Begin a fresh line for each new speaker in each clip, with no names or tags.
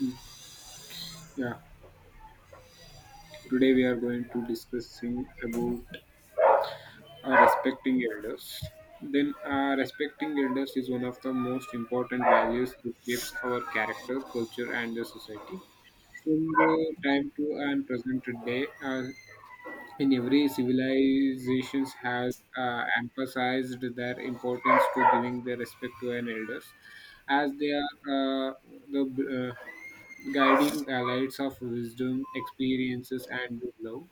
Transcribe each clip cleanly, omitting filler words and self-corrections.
Mm. Yeah, today we are going to discussing about respecting elders. Then, Respecting elders is one of the most important values that shapes our character, culture, and the society. From the time to and present day, uh, in every civilizations has emphasized their importance to giving their respect to an elders as they are the guiding lights of wisdom experiences and love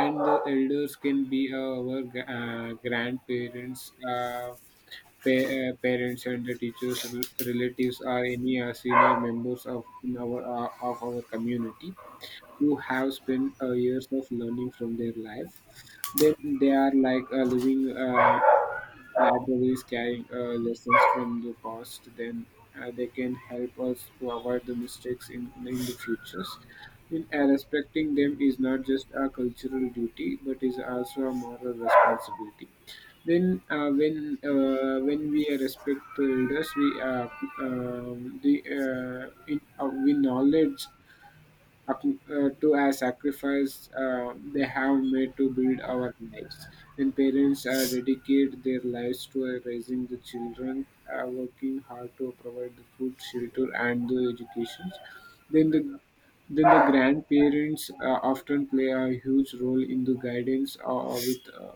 and the elders can be our grandparents parents and the teachers relatives or any senior members of in our of our community who have spent years of learning from their life. Then they are like a living libraries carrying lessons from the past. Then They can help us to avoid the mistakes in the futures. In respecting them is not just a cultural duty, but is also a moral responsibility. Then when we respect the elders, um, the uh, we knowledge to a sacrifice they have made to build our lives. When parents dedicate their lives to raising the children, working hard to provide the food, shelter, and the education, then the then the grandparents often play a huge role in the guidance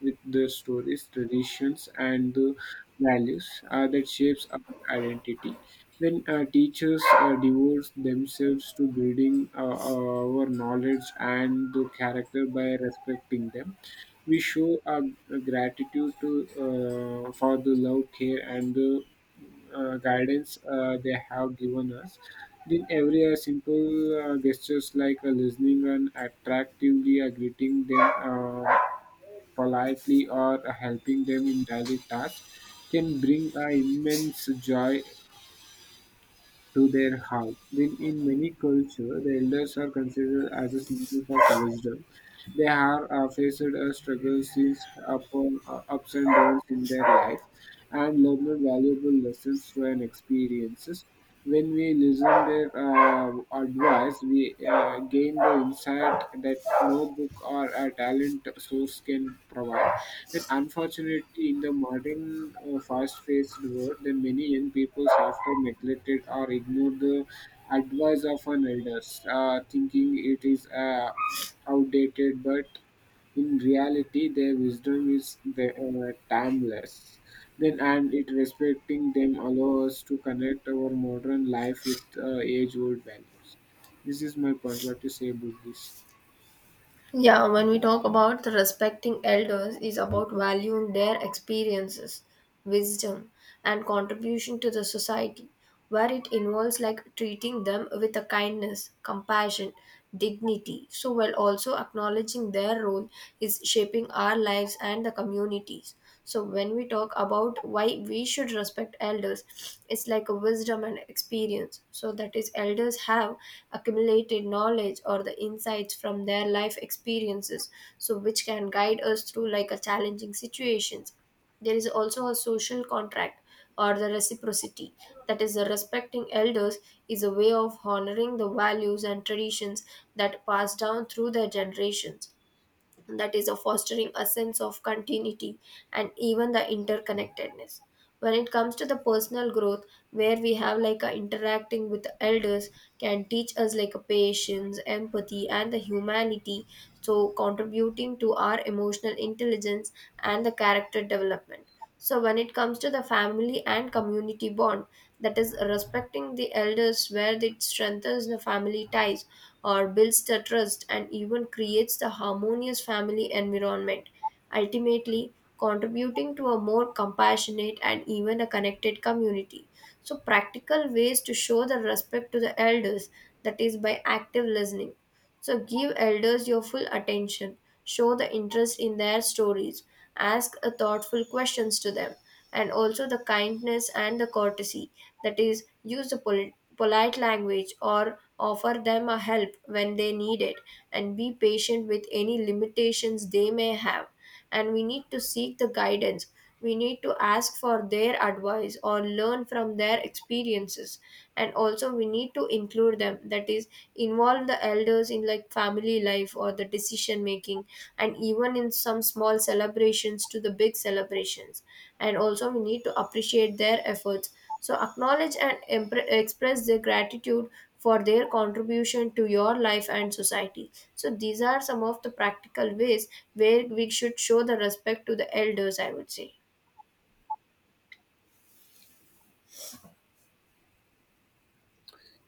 with the stories, traditions, and the values that shapes our identity. When teachers devote themselves to building our knowledge and the character by respecting them, we show our gratitude to for the love, care, and the guidance they have given us. Then every simple gestures like listening and attractively greeting them, politely or helping them in daily tasks can bring a immense joy to their heart. Then in many cultures, the elders are considered as a symbols of wisdom they have faced a struggle, seen ups and downs in their life, and learned valuable lessons through and experiences. When we listen their advice, we gain the insight that no book or a talent source can provide. But unfortunately, in the modern fast-paced world, then many young people often neglected or ignore the advice of an elders, thinking it is outdated, but in reality, their wisdom is timeless. Then, and it respecting them allows us to connect our modern life with age-old values. This is my point. What you say about this?
Yeah, when we talk about the respecting elders is about valuing their experiences, wisdom and contribution to the society where it involves like treating them with a kindness, compassion, dignity so while also acknowledging their role is shaping our lives and the communities. So when we talk about why we should respect elders, it's like a wisdom and experience. So that is elders have accumulated knowledge or the insights from their life experiences, so which can guide us through like a challenging situations. There is also a social contract or the reciprocity, that is the respecting elders is a way of honoring the values and traditions that pass down through their generations, that is of fostering a sense of continuity and even the interconnectedness. When it comes to the personal growth where we have like a interacting with the elders can teach us like a patience empathy and the humanity, so contributing to our emotional intelligence and the character development. So when it comes to the family and community bond, that is respecting the elders where it strengthens the family ties or builds the trust and even creates the harmonious family environment, ultimately contributing to a more compassionate and even a connected community. So, practical ways to show the respect to the elders, that is by active listening. So, give elders your full attention, show the interest in their stories, ask a thoughtful questions to them, and also the kindness and the courtesy, that is, use the polite language or offer them a help when they need it and be patient with any limitations they may have, and we need to seek the guidance. We need to ask for their advice or learn from their experiences, and also we need to include them, that is involve the elders in like family life or the decision making and even in some small celebrations to the big celebrations, and also we need to appreciate their efforts, so acknowledge and express their gratitude for their contribution to your life and society. So these are some of the practical ways where we should show the respect to the elders, I would say.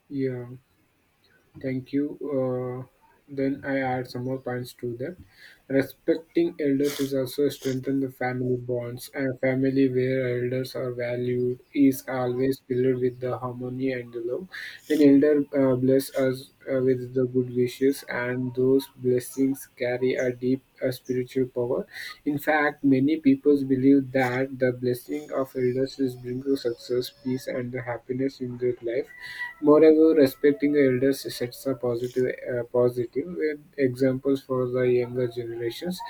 Yeah, thank you. Then I add some more points to that. Respecting elders is also strengthen the family bonds. A family where elders are valued is always filled with the harmony and the love. Then elder bless us with the good wishes, and those blessings carry a deep spiritual power. In fact, many people believe that the blessing of elders is bring to success, peace, and the happiness in their life. Moreover, however, respecting elders sets a positive examples for the younger generations.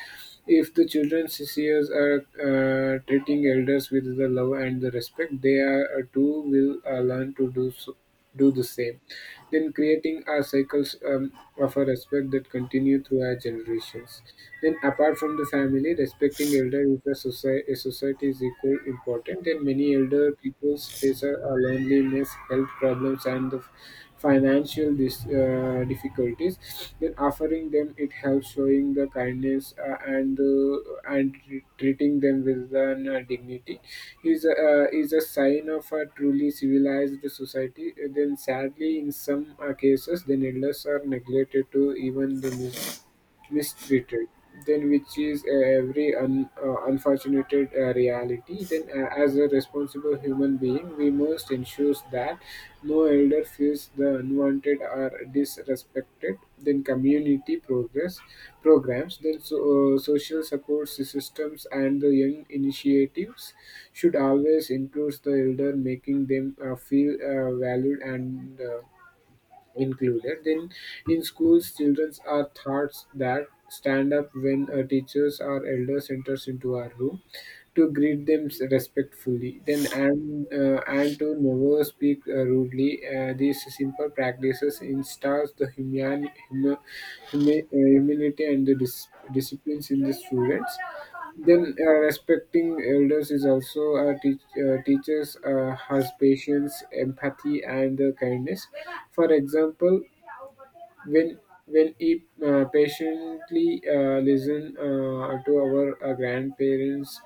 If the children years are treating elders with the love and the respect, they are too will learn to do so, do the same. Then creating a cycles. Of a respect that continued through our generations. Then, apart from the family, respecting elder is a society is equal important. And many elder peoples face a loneliness, health problems, and the financial difficulties. Then in offering them it helps showing the kindness and treating them with an dignity is is a sign of a truly civilized society. Then sadly in some cases the needless are neglected to even the mistreated, then which is unfortunate reality. Then as a responsible human being we must ensure that no elder feels the unwanted or disrespected. Then community progress programs social support systems and the young initiatives should always include the elder, making them feel valued and included. Then, in schools, children are taught that stand up when a teachers or elders enters into our room to greet them respectfully, then and to never speak rudely. These simple practices instills the humanity and the disciplines in the students. Then respecting elders is also teaches has patience, empathy, and kindness. For example, when when he patiently listen to our grandparents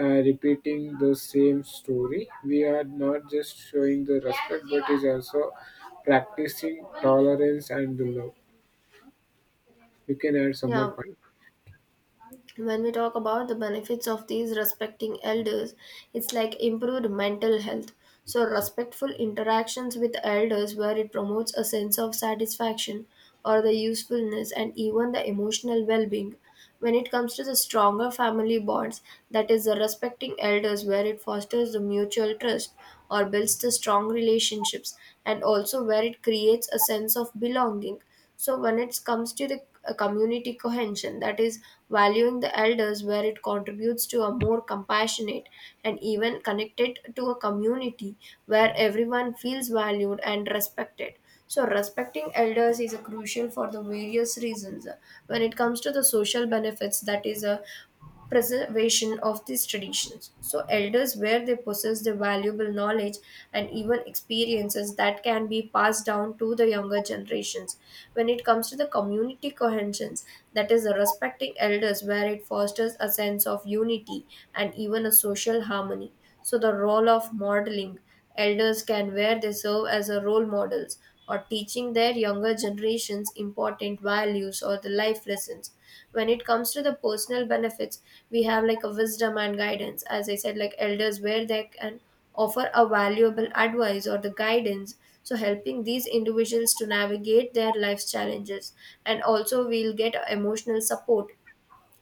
repeating the same story, we are not just showing the respect, but is also practicing tolerance and the love. You can add some more
Yeah,
point
when we talk about the benefits of these respecting elders, it's like improved mental health. So respectful interactions with elders where it promotes a sense of satisfaction or the usefulness and even the emotional well-being. When it comes to the stronger family bonds, that is the respecting elders where it fosters the mutual trust or builds the strong relationships, and also where it creates a sense of belonging. So when it comes to the community cohesion, that is valuing the elders where it contributes to a more compassionate and even connected to a community where everyone feels valued and respected. So respecting elders is a crucial for the various reasons. When it comes to the social benefits, that is a preservation of these traditions. So, elders, where they possess the valuable knowledge and even experiences that can be passed down to the younger generations. When it comes to the community cohesion, that is, respecting elders, where it fosters a sense of unity and even a social harmony. So, the role of modeling. Elders can, where they serve as a role models or teaching their younger generations important values or the life lessons. When it comes to the personal benefits, we have like a wisdom and guidance. As I said, like elders where they can offer a valuable advice or the guidance, so helping these individuals to navigate their life's challenges. And also we'll get emotional support.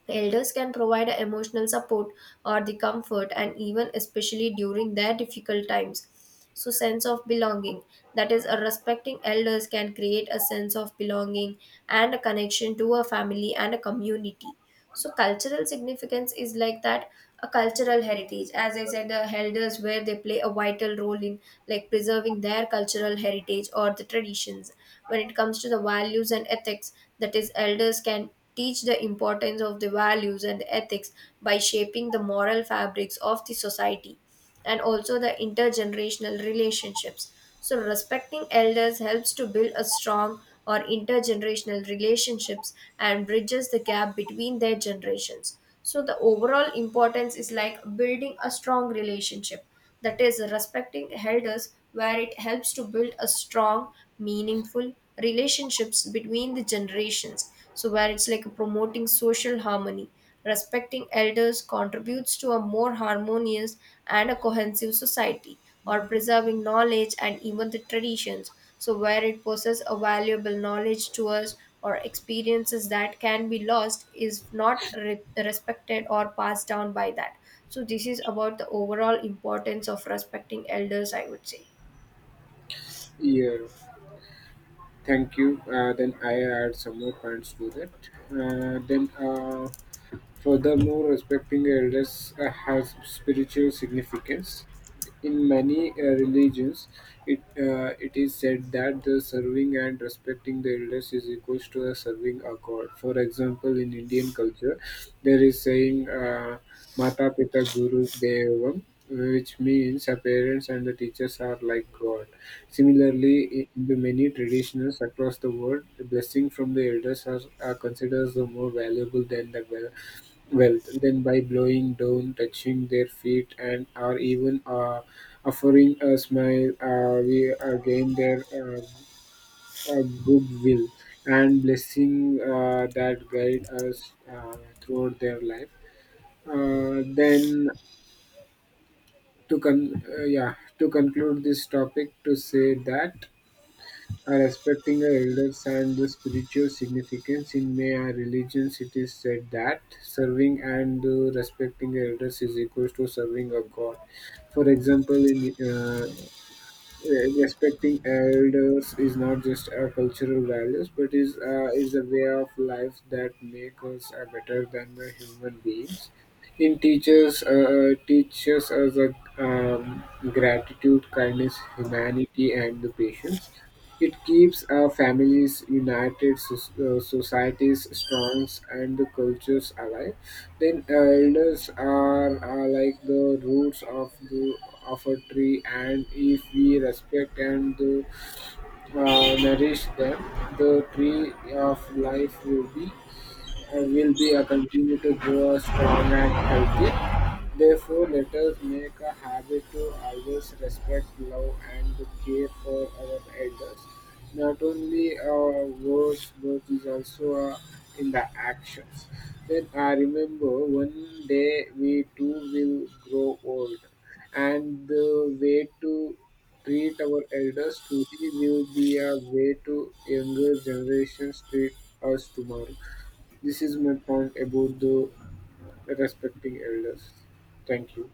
Elders can provide emotional support or the comfort and even especially during their difficult times. So sense of belonging, that is a respecting elders can create a sense of belonging and a connection to a family and a community. So cultural significance is like that a cultural heritage. As I said, the elders where they play a vital role in like preserving their cultural heritage or the traditions. When it comes to the values and ethics, that is, elders can teach the importance of the values and ethics by shaping the moral fabrics of the society, and also the intergenerational relationships. So respecting elders helps to build a strong or intergenerational relationships and bridges the gap between their generations. So the overall importance is like building a strong relationship, that is respecting elders where it helps to build a strong, meaningful relationships between the generations, so where it's like promoting social harmony. Respecting elders contributes to a more harmonious and a cohesive society, or preserving knowledge and even the traditions. So, where it possesses a valuable knowledge to us or experiences that can be lost is not respected or passed down by that. So, this is about the overall importance of respecting elders, I would say.
here. Thank you. Then I add some more points to that. Uh, then, uh, Furthermore, respecting elders has spiritual significance. In many religions, it is said that the serving and respecting the elders is equals to a serving a god. For example, in Indian culture, there is saying. Mata Pita Guru Devam, which means the parents and the teachers are like God. Similarly, in the many traditions across the world, the blessing from the elders are considered the more valuable than the wealth. Wealth, then by blowing down, touching their feet, and or even offering a smile, we gain their goodwill and blessing that guide us throughout their life. Then yeah to conclude this topic to say that respecting the elders and the spiritual significance in Maya our religions it is said that serving and respecting the elders is equals to serving a god for example respecting elders is not just our cultural values but is a way of life that makes us better than the human beings. It teaches us a, um, gratitude kindness humanity and the patience. It keeps our families united, societies strong and the cultures alive. Ten elders are like the roots of the of a tree, and if we respect and nourish them, the tree of life will be a continue to grow strong and healthy. Therefore, let us make a habit to always respect, love, and to care for our elders. Not only our words, but is also in the actions. Then I remember one day we too will grow old, and the way to treat our elders today will be a way to younger generations treat us tomorrow. This is my point about the respecting elders. Thank you.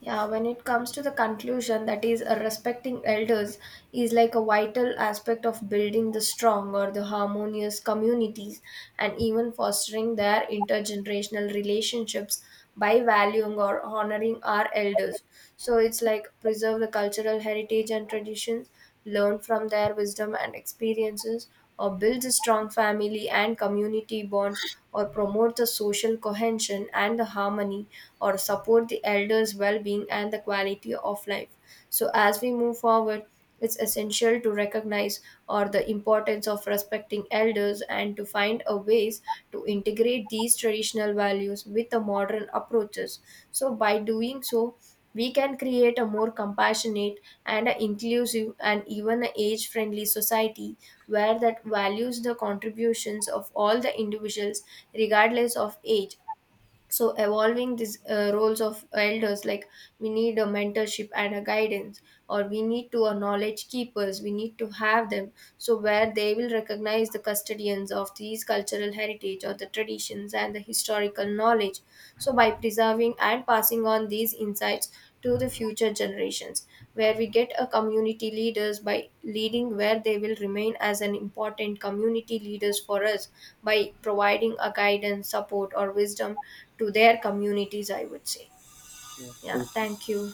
Yeah, when it comes to the conclusion, that is, respecting elders is like a vital aspect of building the strong or the harmonious communities and even fostering their intergenerational relationships by valuing or honoring our elders. So it's like preserve the cultural heritage and traditions, learn from their wisdom and experiences, or builds a strong family and community bonds, or promote the social cohesion and the harmony, or support the elders well-being and the quality of life. So as we move forward, it's essential to recognize or the importance of respecting elders and to find a ways to integrate these traditional values with the modern approaches. So by doing so, we can create a more compassionate and a inclusive and even age friendly society where that values the contributions of all the individuals regardless of age. So evolving these roles of elders, like we need a mentorship and a guidance, or we need to a knowledge keepers we need to have them, so where they will recognize the custodians of these cultural heritage or the traditions and the historical knowledge. So, by preserving and passing on these insights to the future generations, where we get a community leaders by leading where they will remain as an important community leaders for us by providing a guidance, support, or wisdom to their communities, I would say.
Yeah,
Yeah,
thank you.
thank you.